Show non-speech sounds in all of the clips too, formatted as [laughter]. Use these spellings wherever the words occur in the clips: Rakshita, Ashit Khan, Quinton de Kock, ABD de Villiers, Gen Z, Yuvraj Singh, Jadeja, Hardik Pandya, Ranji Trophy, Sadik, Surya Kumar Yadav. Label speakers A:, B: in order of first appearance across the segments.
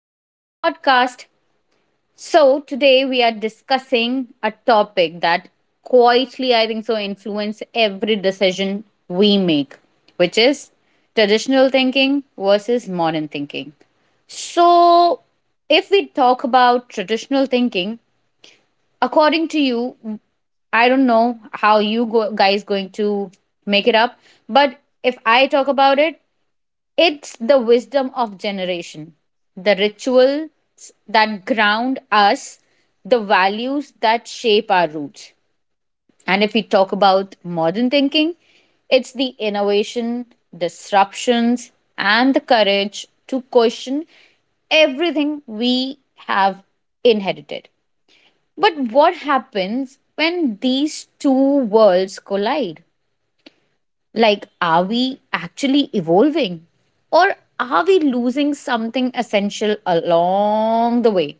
A: back to the podcast. So, today we are discussing a topic that quietly, I think so, influence every decision we make, which is traditional thinking versus modern thinking. So, if we talk about traditional thinking, according to you, I don't know how you go, guys going to make it up, but if I talk about it, it's the wisdom of generation, the rituals that ground us, the values that shape our roots. And if we talk about modern thinking, it's the innovation, disruptions, and the courage to question everything we have inherited. But what happens when these two worlds collide? Like, are we actually evolving? Or are we losing something essential along the way?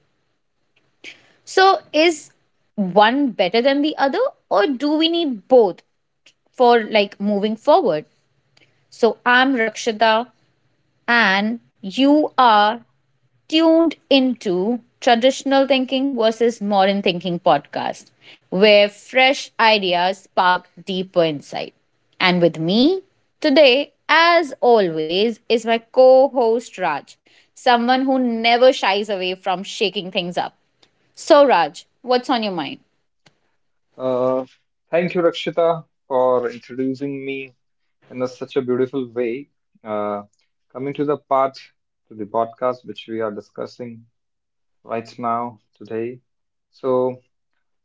A: So, is one better than the other, or do we need both for like moving forward? So, I'm Rakshita, and you are tuned into Traditional Thinking versus Modern Thinking podcast, where fresh ideas spark deeper insight. And with me today, as always, is my co host Raj, someone who never shies away from shaking things up. So, Raj, what's on your mind?
B: Uh, Thank you, Rakshita, for introducing me in such a beautiful way. Uh, Coming to the part to the podcast which we are discussing right now today. So,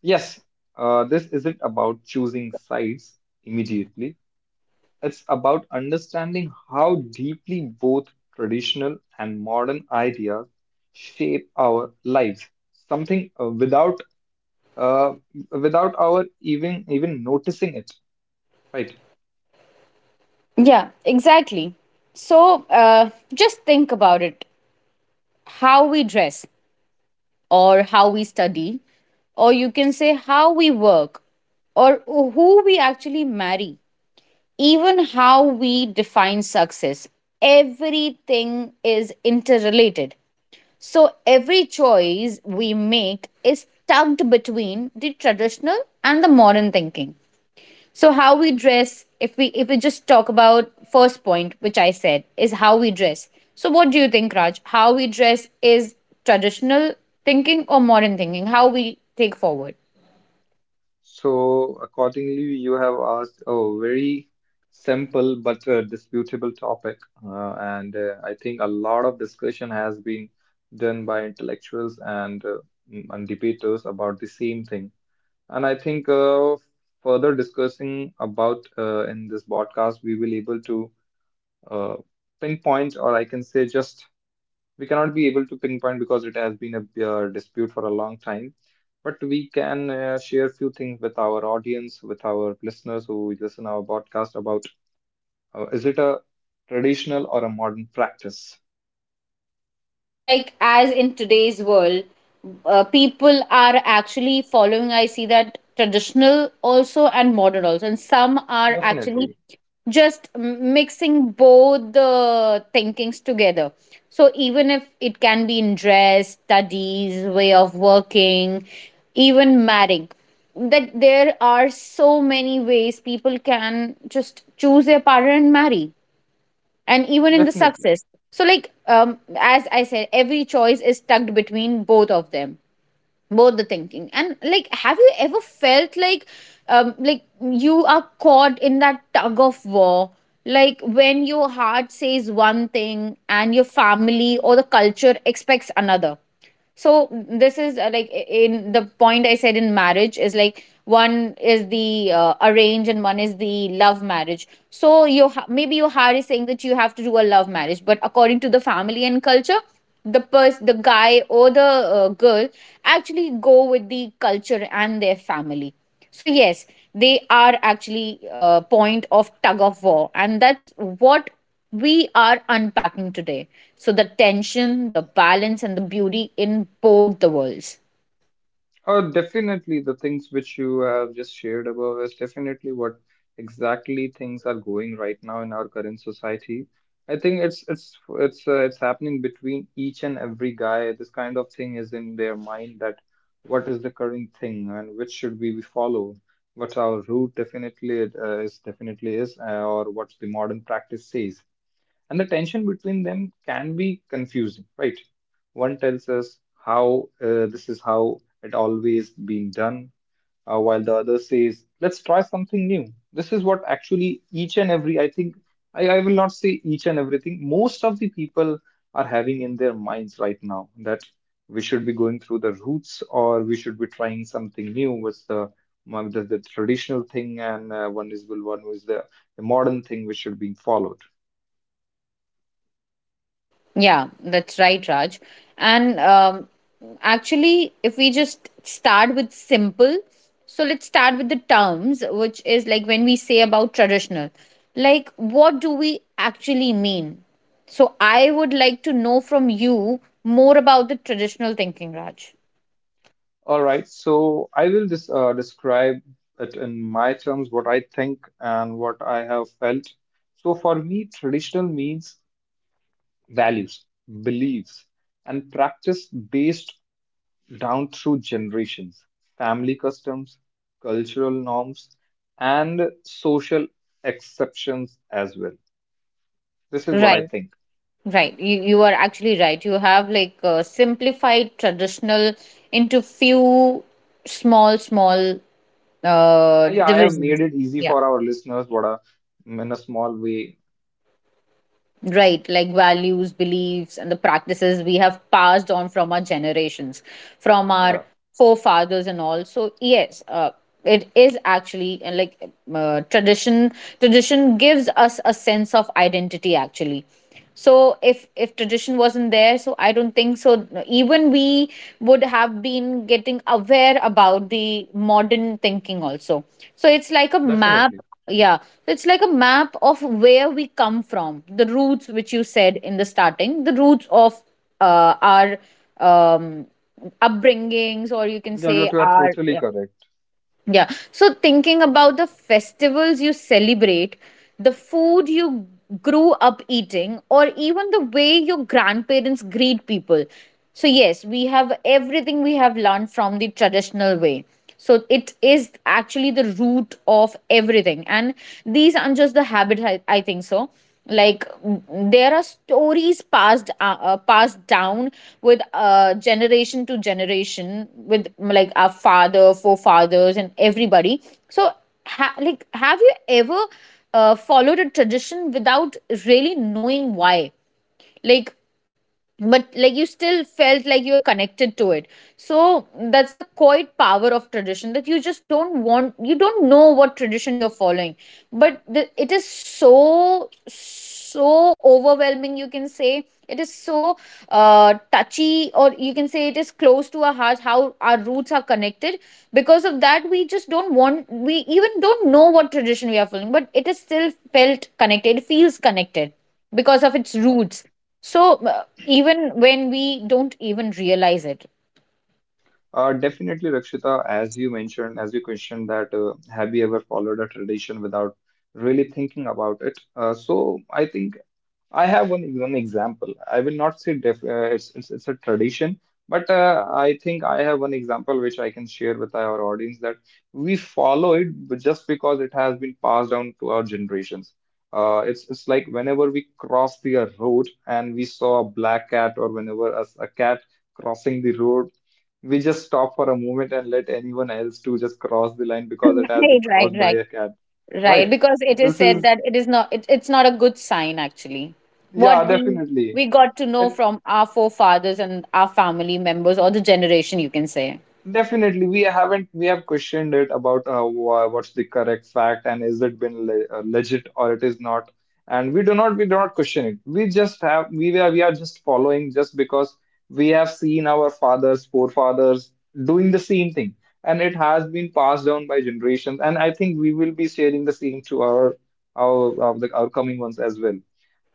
B: yes, this isn't about choosing sides immediately. It's about understanding how deeply both traditional and modern ideas shape our lives, something uh, without our even noticing it, right?
A: Yeah, exactly. So, just think about it, how we dress, or how we study, or you can say how we work, or who we actually marry, even how we define success. Everything is interrelated. So every choice we make is tugged between the traditional and the modern thinking. So how we dress, if we just talk about first point which I said is how we dress, so what do you think, Raj, how we dress is traditional thinking or modern thinking, how we take forward.
B: So accordingly, you have asked a very simple but disputable topic, and I think a lot of discussion has been done by intellectuals and debaters about the same thing. And I think further discussing about in this podcast, we will able to uh, pinpoint, or I can say just we cannot be able to pinpoint because it has been a dispute for a long time. But we can share few things with our audience, with our listeners who listen our podcast about is it a traditional or a modern practice?
A: Yeah, like as in today's world, people are actually following. I see that traditional also and modern also, and some are actually
B: Definitely,
A: just mixing both the thinkings together. So even if it can be in dress, studies, way of working, even marrying, that there are so many ways people can just choose their partner and marry, and even in the
B: definitely.
A: success. So like, as I said, every choice is tucked between both of them, both the thinking. And like, have you ever felt like, like you are caught in that tug of war, like when your heart says one thing and your family or the culture expects another? So this is, like, in the point I said in marriage, is like one is the arrange and one is the love marriage. So you maybe your heart is saying that you have to do a love marriage, but according to the family and culture, the the guy or the girl actually go with the culture and their family. So yes, they are actually a point of tug of war, and that's what we are unpacking today. So the tension, the balance, and the beauty in both the worlds.
B: Oh, definitely the things which you have just shared above is definitely what exactly things are going right now in our current society. I think it's happening between each and every guy. This kind of thing is in their mind that what is the current thing and which should we follow? What's our route? Definitely it is definitely is, or what the modern practice says. And the tension between them can be confusing, right? One tells us how this is how it always been done, while the other says, let's try something new. This is what actually each and every, I think, I will not say each and everything, most of the people are having in their minds right now that we should be going through the roots or we should be trying something new. What's the traditional thing and one is well, one is the modern thing which should be followed.
A: Yeah, that's right, Raj. And actually, if we just start with simple, so let's start with the terms, which is like when we say about traditional, like what do we actually mean? So I would like to know from you more about the traditional thinking, Raj.
B: All right, so I will just describe it in my terms, what I think and what I have felt. So for me, traditional means values, beliefs, and practice based down through generations, family customs, cultural norms, and social exceptions as well. This is what I
A: Right,
B: think.
A: right. You are actually right. You have like simplified traditional into few small
B: Yeah, I have made
A: divisions.
B: it easy
A: Yeah.
B: for our listeners, what a, in a small way.
A: Right, like values, beliefs, and the practices we have passed on from our generations, from our
B: Yeah,
A: forefathers, and all. So yes, it is actually like tradition. Tradition gives us a sense of identity, actually. So if tradition wasn't there, so I don't think so. Even we would have been getting aware about the modern thinking also. So it's like a map.
B: definitely.
A: Yeah, so it's like a map of where we come from, the roots which you said in the starting, the roots of our um, upbringings, or you can
B: Yeah, you are
A: say our,
B: totally
A: yeah.
B: correct.
A: Yeah. So thinking about the festivals you celebrate, the food you grew up eating, or even the way your grandparents greet people. So, yes, we have everything we have learned from the traditional way. So, it is actually the root of everything. And these aren't just the habits, I think so, like, there are stories passed passed down with generation to generation with, like our father forefathers and everybody. So like have you ever followed a tradition without really knowing why, like, but like you still felt like you are connected to it? So that's the quiet power of tradition, that you just don't want, you don't know what tradition you're following, but it is so so overwhelming, you can say it is so touchy, or you can say it is close to our hearts how our roots are connected. Because of that, we just don't want, we even don't know what tradition we are following, but it is still felt connected, it feels connected, because of its roots. So even when we don't even realize it.
B: Definitely, Rakshita, as you mentioned, as you questioned that have you ever followed a tradition without really thinking about it? So I think I have one example. I will not say def it's, it's a tradition, but I think I have one example which I can share with our audience that we follow it but just because it has been passed down to our generations. It's like whenever we cross the road and we saw a black cat or whenever a cat crossing the road, we just stop for a moment and let anyone else to just cross the line
A: [laughs]
B: because it has
A: Right,
B: been
A: right,
B: crossed by
A: right,
B: a cat, right?
A: right. Because it is
B: This
A: said
B: is
A: that it is not, it's not a good sign, actually.
B: yeah,
A: What we
B: definitely.
A: we got to know from our forefathers and our family members, or the generation you can say.
B: Definitely, we haven't we have questioned it about what's the correct fact and is it been le legit or it is not, and we do not question it. We are just following just because we have seen our fathers, forefathers doing the same thing, and it has been passed down by generations. And I think we will be sharing the same to our coming ones as well.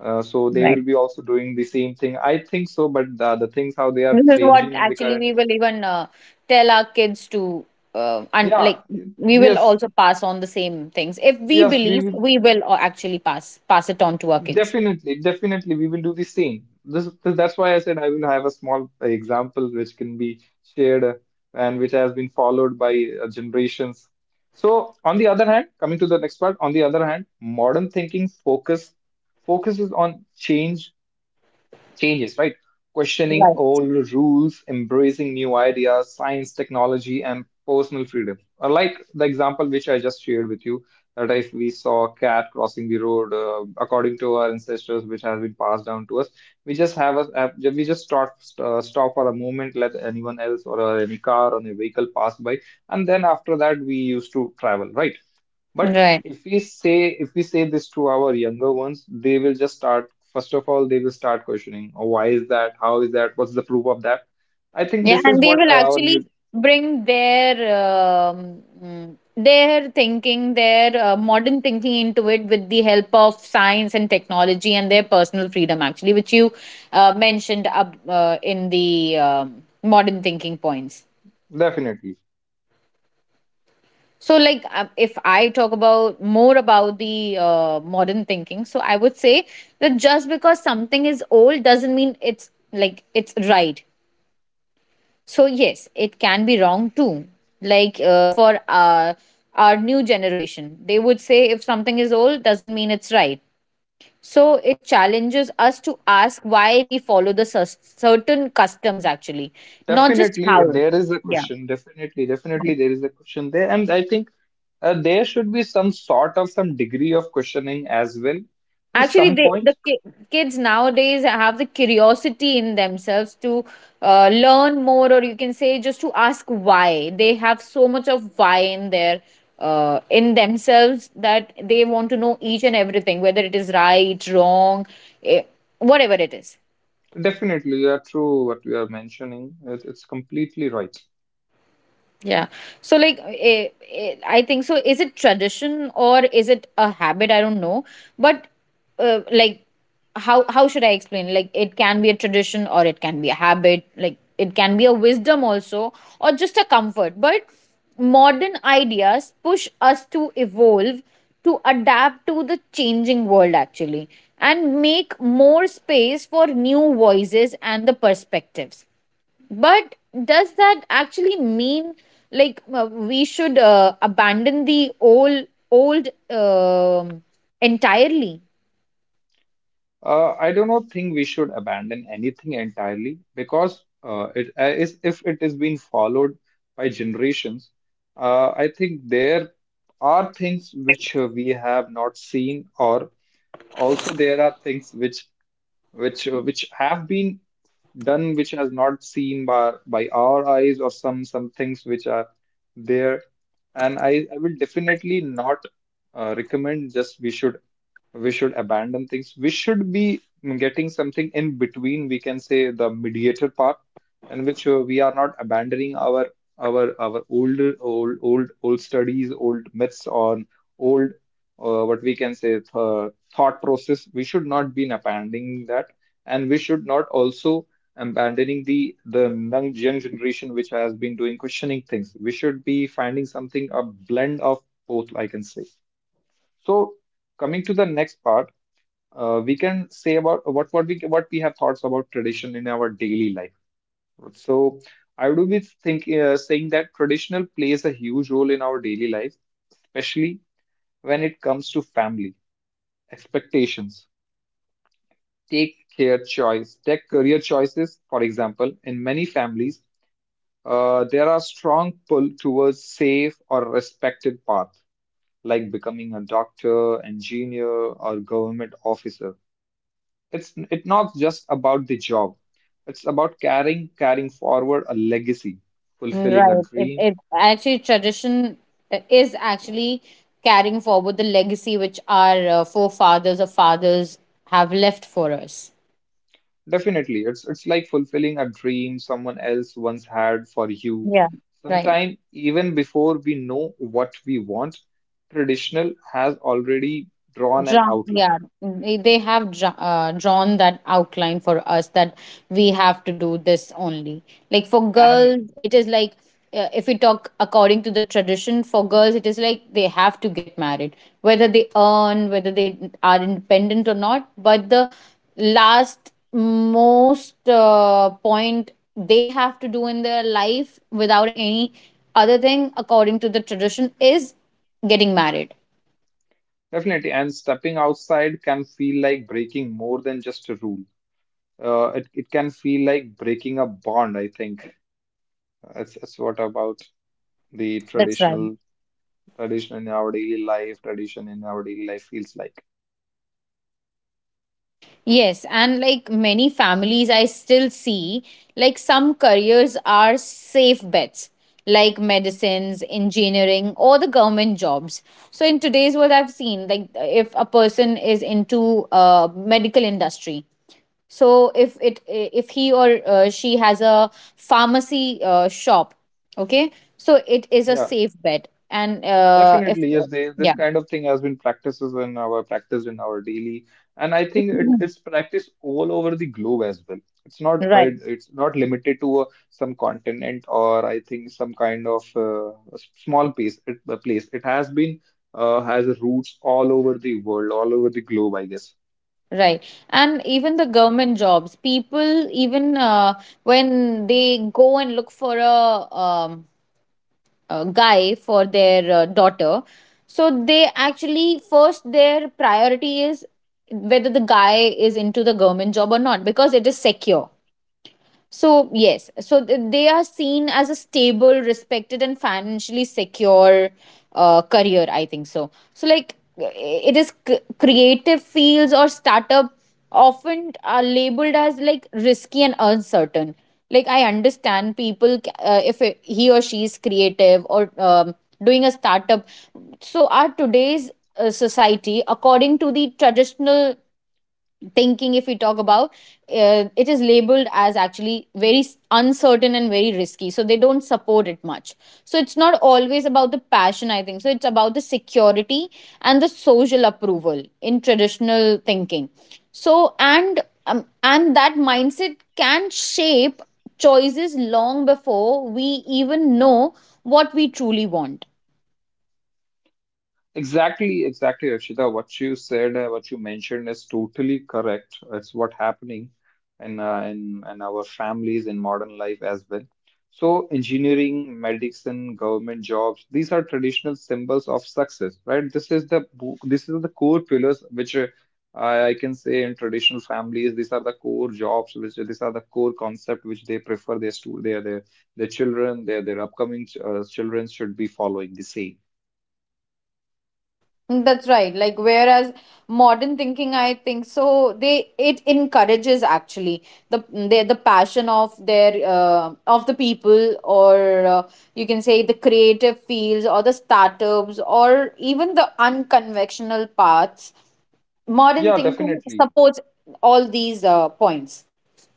B: So they
A: Right,
B: will be also doing the same thing. I think so, but the things how they are
A: this is what
B: changing in the
A: actually
B: current.
A: we will even tell our kids to, and like
B: Yeah,
A: we will
B: yes,
A: also pass on the same things. If we
B: yes, we
A: believe,
B: will
A: we will actually pass it on to our kids.
B: definitely, definitely, we will do the same. This, that's why I said I will have a small example which can be shared and which has been followed by generations. So, on the other hand, coming to the next part, on the other hand, modern thinking focuses on changes, right? Questioning
A: Right,
B: old rules, embracing new ideas, science, technology, and personal freedom. Or like the example which I just shared with you, that if we saw a cat crossing the road according to our ancestors, which has been passed down to us, we just stop stop for a moment, let anyone else or any car or any vehicle pass by, and then after that we used to travel, right? But
A: right.
B: if we say this to our younger ones, they will just start. First of all, they will start questioning, oh, why is that? How is that? What's the proof of that? I think
A: Yeah,
B: this
A: and
B: is
A: they
B: what
A: will
B: our
A: actually
B: new
A: bring their their thinking, their modern thinking into it, with the help of science and technology and their personal freedom, actually, which you mentioned up in the modern thinking points.
B: definitely,
A: So, like, if I talk about more about the modern thinking, so I would say that just because something is old doesn't mean it's, like, it's right. So yes, it can be wrong too. Like for our new generation, they would say if something is old doesn't mean it's right. So it challenges us to ask why we follow the certain customs, actually, not just
B: definitely
A: how.
B: there is a
A: Yeah.
B: question. Definitely, definitely there is a question there, and I think there should be some sort of some degree of questioning as well to
A: Actually,
B: some
A: they, the
B: point.
A: kids nowadays have the curiosity in themselves to learn more, or you can say just to ask why. They have so much of why in their in themselves, that they want to know each and everything, whether it is right, wrong, eh, whatever it is.
B: Definitely, you are true what you are mentioning. It's completely right.
A: Yeah. So, like, I think so, is it tradition or is it a habit? I don't know. But, like, how should I explain? Like, it can be a tradition or it can be a habit. Like, it can be a wisdom also or just a comfort. But modern ideas push us to evolve, to adapt to the changing world, actually, and make more space for new voices and the perspectives. But does that actually mean like we should abandon the old entirely?
B: I do not think we should abandon anything entirely because it is if it is being followed by generations. I think there are things which we have not seen, or also there are things which which have been done which has not seen by our eyes or some things which are there, and I will definitely not recommend. Just we should abandon things. We should be getting something in between, we can say the mediator part, in which we are not abandoning our older old studies, old myths, or old what we can say thought process. We should not be abandoning that, and we should not also abandoning the young generation which has been doing questioning things. We should be finding something a blend of both, I can say. So, coming to the next part, we can say about what we have thoughts about tradition in our daily life. So I would be think saying that traditional plays a huge role in our daily life, especially when it comes to family expectations. Take career choices for example. In many families, there are strong pull towards safe or respected path, like becoming a doctor, engineer, or government officer. It's not just about the job. It's about carrying forward a legacy, fulfilling a
A: Right. It,
B: dream.
A: it actually tradition, is actually carrying forward the legacy which our forefathers or fathers have left for us.
B: Definitely, it's like fulfilling a dream someone else once had for you.
A: Yeah. Right.
B: Sometime even before we know what we want, traditional has already drawn an
A: Drawn,
B: outline.
A: yeah, they have drawn that outline for us, that we have to do this only. Like for
B: And
A: girls, it is like, if we talk according to the tradition, for girls, it is like they have to get married, whether they earn, whether they are independent or not. But the last most point they have to do in their life without any other thing, according to the tradition, is getting married.
B: definitely, and stepping outside can feel like breaking more than just a rule. It can feel like breaking a bond, I think. That's what about the
A: That's right.
B: tradition in our daily life, tradition in our daily life feels like.
A: Yes, and like many families, I still see like some careers are safe bets, like medicines, engineering, or the government jobs. So in today's world, I've seen like if a person is into medical industry, so if he or she has a pharmacy shop, okay, so it is a
B: Yeah,
A: safe bet, and, if,
B: definitely, yes. They, this
A: yeah,
B: kind of thing has been practices in our practice in our daily, and I think it's
A: [laughs]
B: practiced all over the globe as well. It's not, but
A: right.
B: it's not limited to some continent or I think some kind of a small place. A place. It has been has roots all over the world, all over the globe, I guess.
A: Right. And even the government jobs, people, even when they go and look for a guy for their daughter, so they actually first their priority is whether the guy is into the government job or not, because it is secure. So, yes, so they are seen as a stable, respected, and financially secure career, I think so. So, like, it is creative fields or startup often are labeled as like risky and uncertain. Like, I understand people, if he or she is creative or, doing a startup. So, our today's society, according to the traditional thinking if we talk about, it is labeled as actually very uncertain and very risky, so they don't support it much. So it's not always about the passion, I think so, it's about the security and the social approval in traditional thinking. So and, and that mindset can shape choices long before we even know what we truly want.
B: Exactly, exactly, Archita. What you said, what you mentioned is totally correct. It's what happening in our families in modern life as well. So engineering, medicine, government jobs, these are traditional symbols of success, right? This is the core pillars which I can say in traditional families. These are the core jobs, which these are the core concept which they prefer their their children, their upcoming children should be following the same.
A: Mm, that's right. Like whereas modern thinking, I think so they it encourages actually the passion of their of the people or you can say the creative fields or the startups or even the unconventional paths. Modern
B: Yeah,
A: thinking
B: definitely.
A: supports all these points.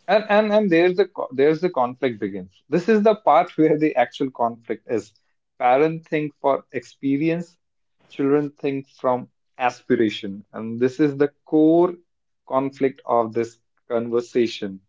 B: And there's the there's the conflict begins. This is the part [laughs] where the actual conflict is. Parents think for experience, children think from aspiration, and this is the core conflict of this conversation,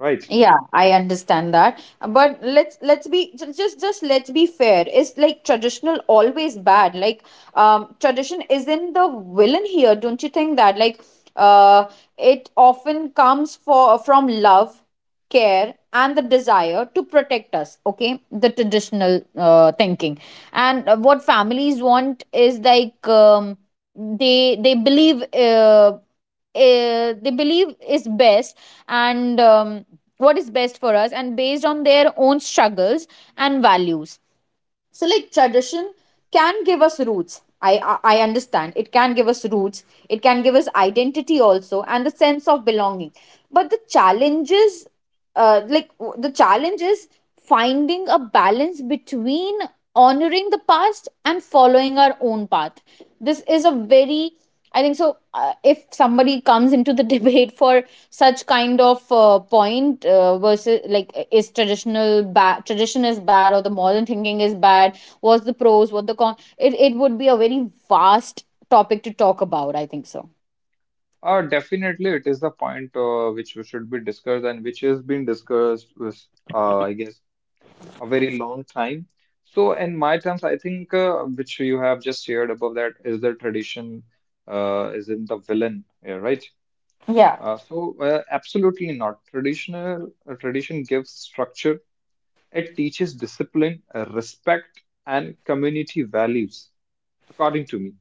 B: right?
A: Yeah, I understand that. But let's be ju- just let's be fair. Is like traditional always bad? Like tradition isn't the villain here, don't you think that? Like uh it often comes for from love, care and the desire to protect us, okay? The traditional thinking. And what families want is like they believe they believe is best and what is best for us and based on their own struggles and values. So like tradition can give us roots, I understand it can give us roots, it can give us identity also and the sense of belonging. But the challenges, the challenge is finding a balance between honoring the past and following our own path. This is a very, I think so. If somebody comes into the [laughs] debate for such kind of point versus like is traditional bad, tradition is bad, or the modern thinking is bad, what's the pros, what the con? It would be a very vast topic to talk about, I think so.
B: Definitely, it is the point which we should be discussed and which has been discussed with, I guess, a very long time. So, in my terms, I think which you have just shared above that is the tradition is in the villain, yeah, right?
A: Yeah.
B: Absolutely not. Tradition gives structure. It teaches discipline, respect, and community values, according to me,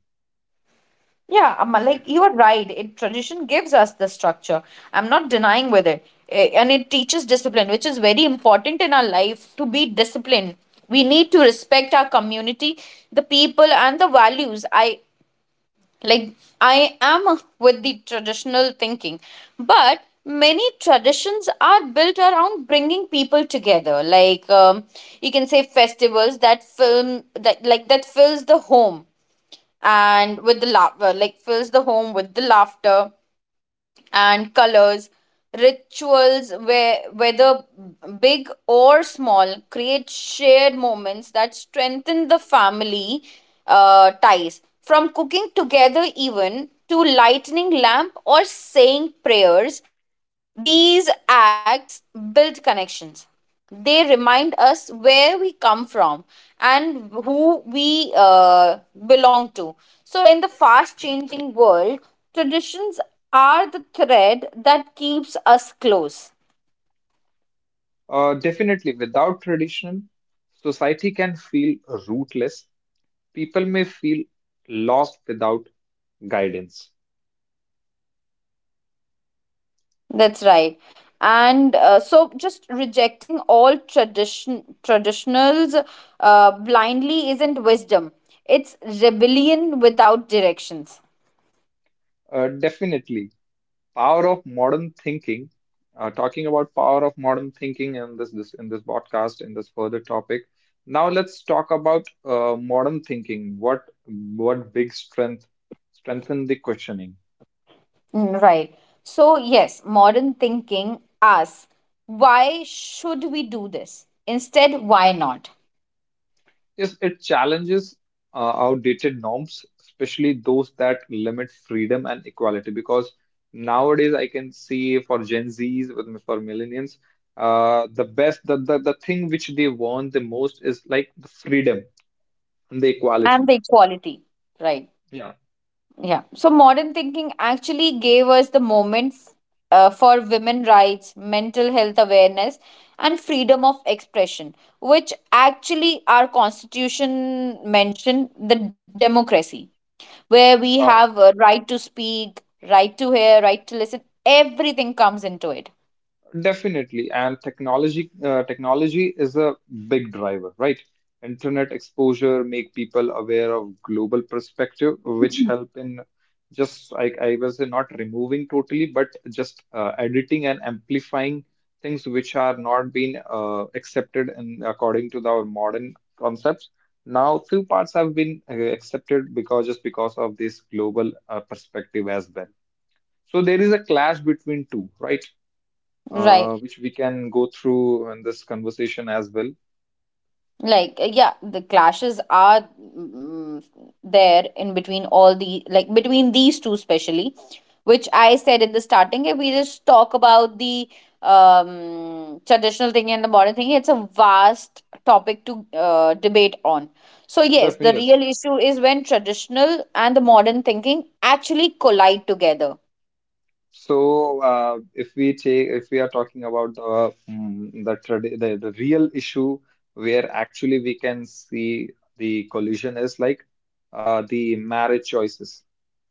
A: Yeah, I'm
B: right?
A: like you are right. It tradition gives us the structure. I'm not denying with it. Eh, and it teaches discipline, which is very important in our life to be disciplined. We need to respect our community, the people, and the values. I like I am with the traditional thinking, but many traditions are built around bringing people together. Like you can say festivals that film that like that fills the home and with the laughter, like fills the home with the laughter and colors. Rituals, where whether big or small, create shared moments that strengthen the family ties. From cooking together, even to lighting lamp or saying prayers, these acts build connections. They remind us where we come from and who we belong to. So, in the fast changing world, traditions are the thread that keeps us close.
B: Definitely, without tradition, society can feel rootless. People may feel lost without guidance.
A: That's right. And so, just rejecting all tradition traditionals blindly isn't wisdom. It's rebellion without directions.
B: Definitely. Power of modern thinking. Talking about power of modern thinking in this podcast in this further topic, now let's talk about modern thinking. What big strength strengthen the questioning?
A: Mm, right. So, yes, modern thinking asks, why should we do this? Instead, why not?
B: Yes, it challenges outdated norms, especially those that limit freedom and equality, because nowadays I can see for Gen Z's, with for millennials, the best, the thing which they want the most is like the freedom and the
A: And
B: equality.
A: the equality, right?
B: Yeah,
A: Yeah. So, modern thinking actually gave us the moment for women rights, mental health awareness, and freedom of expression, which actually our constitution mentioned the democracy, where we
B: uh,
A: have a right to speak, right to hear, right to listen, everything comes into it.
B: definitely. And technology, technology is a big driver, right? Internet exposure make people aware of global perspective, which help in, just like I was not removing totally, but just editing and amplifying things which are not being accepted in according to our modern concepts. Now, few parts have been accepted because, just because of this global perspective as well. So there is a clash between two, right?
A: Right.
B: Which we can go through in this conversation as well.
A: Like, yeah, the clashes are, mm, there in between all the, like, between these two, especially, which I said in the starting. If we just talk about the traditional thing and the modern thing, it's a vast topic to debate on. So, yes,
B: Definitely,
A: the real
B: yes.
A: issue is when traditional and the modern thinking actually collide together.
B: So, if we are talking about the real issue where actually we can see the collision is like the marriage choices,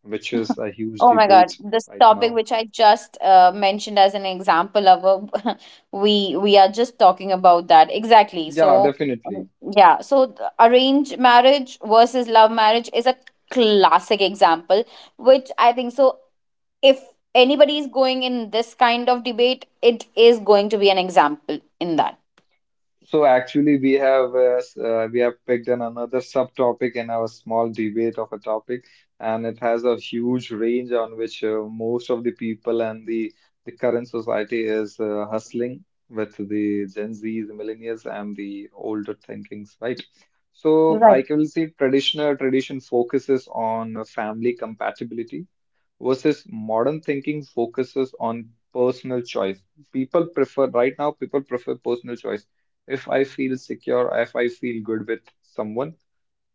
B: which is a huge
A: Oh my God,
B: debate
A: this
B: right
A: topic
B: now.
A: which I just mentioned as an example of a, [laughs] we are just talking about that exactly.
B: Yeah,
A: So um,
B: definitely.
A: yeah, so arranged marriage versus love marriage is a classic example, which I think so. If anybody is going in this kind of debate, it is going to be an example in that.
B: So actually, we have we have picked an another subtopic in our small debate of a topic, and it has a huge range on which most of the people and the current society is hustling with the Gen Zs, millennials, and the older thinkings, right? So
A: Right.
B: I can say traditional tradition focuses on family compatibility versus modern thinking focuses on personal choice. People prefer, right now, people prefer personal choice. If I feel secure, if I feel good with someone,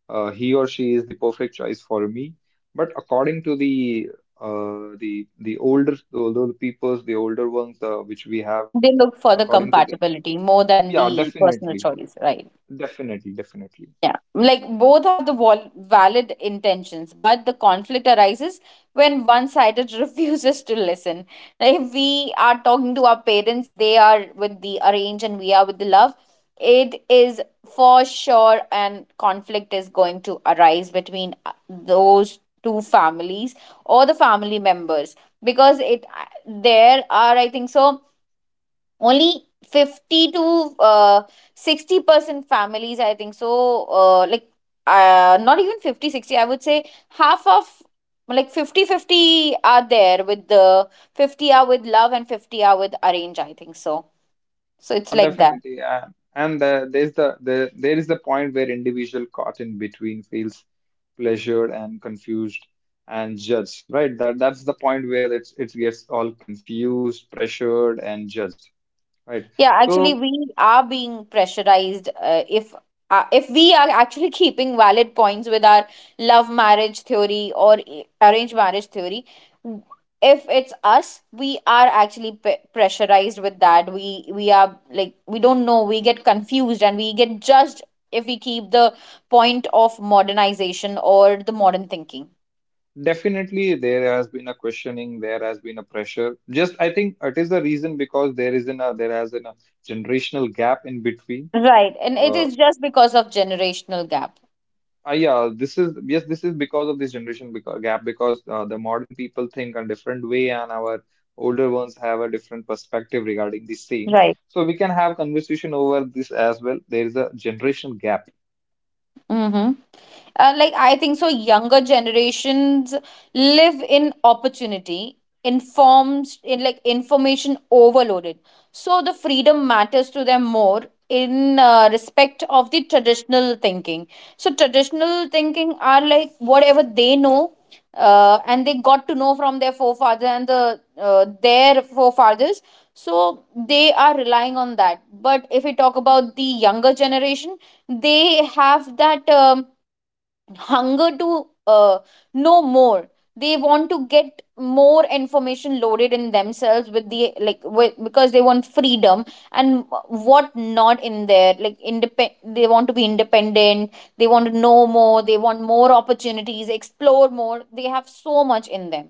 B: he or she is the perfect choice for me. But according to the older peoples, the older ones which we have,
A: They look for the
B: according to the,
A: compatibility more than
B: yeah,
A: the personal
B: definitely,
A: choice, right?
B: definitely, definitely.
A: Yeah, like both have the valid intentions, but the conflict arises when one sided [laughs] refuses to listen. Now, if we are talking to our parents, they are with the arrange and we are with the love, it is for sure and conflict is going to arise between those two families or the family members because it there are I think so only 50 to 60% families, I think so, like not even 50 60. I would say half of, like, 50 50 are there with the 50 are with love and 50 are with arrange, I think so. So it's
B: Oh,
A: like that.
B: definitely. And there is the point where individual caught in between feels pleasured and confused and judged, right? That's the point where it gets all confused, pressured, and judged, right?
A: Yeah, actually,
B: So
A: we are being pressurized. If if we are actually keeping valid points with our love marriage theory or arranged marriage theory, w- if it's us, we are actually pressurized with that. We are like we don't know. We get confused and we get judged if we keep the point of modernization or the modern thinking.
B: definitely there has been a questioning, there has been a pressure. Just I think it is the reason because there isn't a there has been a generational gap in between.
A: Right, and it
B: uh,
A: is just because of generational gap.
B: This is because of this gap, because the modern people think a different way and our older ones have a different perspective regarding the same.
A: Right.
B: So we can have conversation over this as well. There is a generation gap.
A: Mm-hmm. Like I think so, younger generations live in opportunity, informs in like information overloaded. So the freedom matters to them more in respect of the traditional thinking. So traditional thinking are like whatever they know, and they got to know from their forefathers and the their forefathers. So they are relying on that. But if we talk about the younger generation, they have that hunger to know more. They want to get more information loaded in themselves with the like with, because they want freedom and what not in there like independ, they want to be independent, they want to know more, they want more opportunities, explore more, they have so much in them.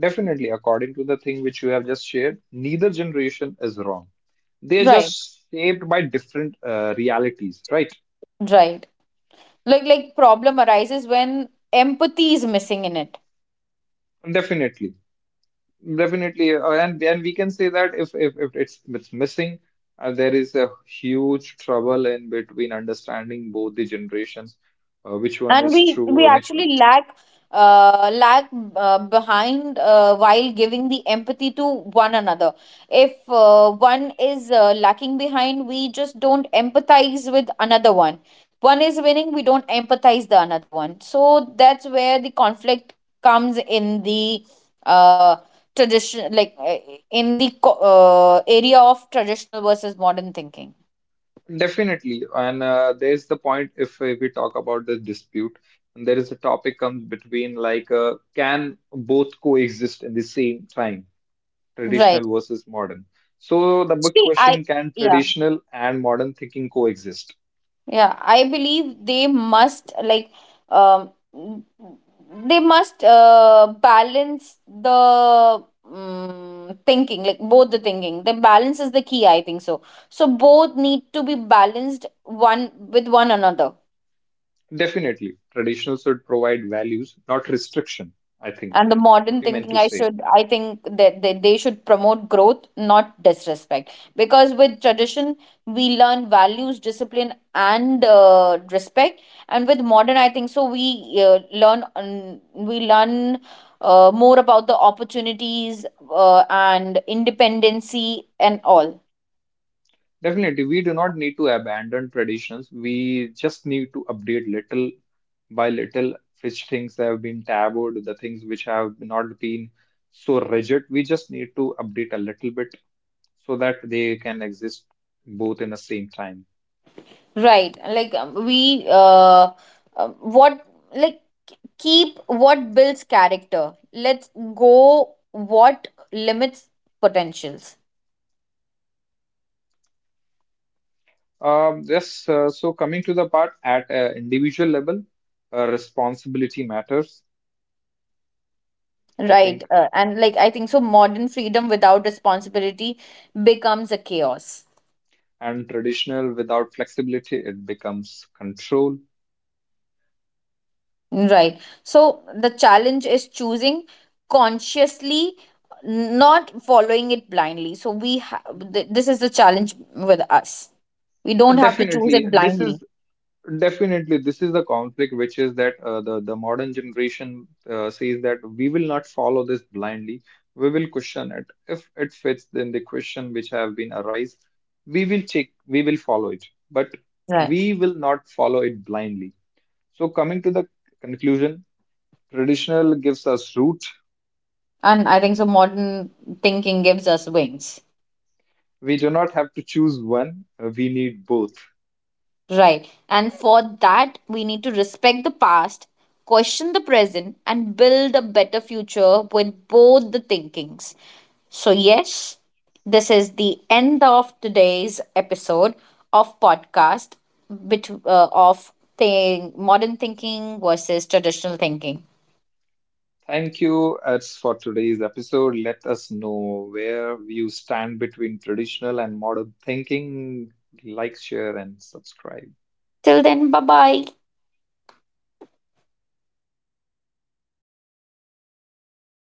B: Definitely, according to the thing which you have just shared, neither generation is wrong. They're
A: Right.
B: just shaped by different realities, right?
A: Right. Like problem arises when empathy is missing in it.
B: Definitely. Definitely, and we can say that if it's missing, there is a huge trouble in between understanding both the generations, which one
A: And
B: is
A: we
B: true, which one.
A: actually lack lack behind while giving the empathy to one another. If one is lacking behind, we just don't empathize with another one. One is winning, we don't empathize the another one, so that's where the conflict comes in the uh, tradition, like in the area of traditional versus modern thinking.
B: Definitely, and there's the point if we talk about the dispute, and there is a topic comes between like can both coexist in the same time,
A: Right.
B: traditional versus modern. So the big
A: Actually, I
B: question: can
A: yeah,
B: traditional and modern thinking coexist?
A: yeah, I believe they must, like um they must balance the thinking, like both the thinking, the balance is the key, I think so. So both need to be balanced one with one another.
B: Definitely, traditional should provide values, not restriction, I think.
A: And the modern
B: What you meant
A: thinking,
B: to
A: I
B: say.
A: should, I think that they should promote growth not disrespect. Because with tradition we learn values, discipline and respect. And with modern, I think so, we uh, learn we learn more about the opportunities and independency and all.
B: Definitely, we do not need to abandon traditions. We just need to update little by little which things have been tabooed, the things which have not been so rigid. We just need to update a little bit so that they can exist both in the same time.
A: Right. Like we what like keep what builds character. Let's go what limits potentials.
B: Yes, so coming to the part at individual level, responsibility matters, I
A: Right.
B: think,
A: And like I think so modern freedom without responsibility becomes a chaos.
B: and traditional without flexibility it becomes control.
A: Right. So the challenge is choosing consciously, not following it blindly. So we have this is the challenge with us. We
B: But
A: don't have to choose
B: definitely
A: it
B: this
A: blindly.
B: is, definitely this is the conflict which is that the modern generation says that we will not follow this blindly. We will question it. If it fits, then the question which have been arise, we will check, we will follow it. But
A: Right.
B: we will not follow it blindly. So coming to the conclusion, traditional gives us root.
A: And I think so modern thinking gives us wings.
B: We do not have to choose one. We need both.
A: Right. And for that, we need to respect the past, question the present, and build a better future with both the thinkings. So, yes, this is the end of today's episode of podcast of thing, modern thinking versus traditional thinking.
B: Thank you, Eds, for today's episode. Let us know where you stand between traditional and modern thinking. Like, share, and subscribe.
A: Till then, bye bye.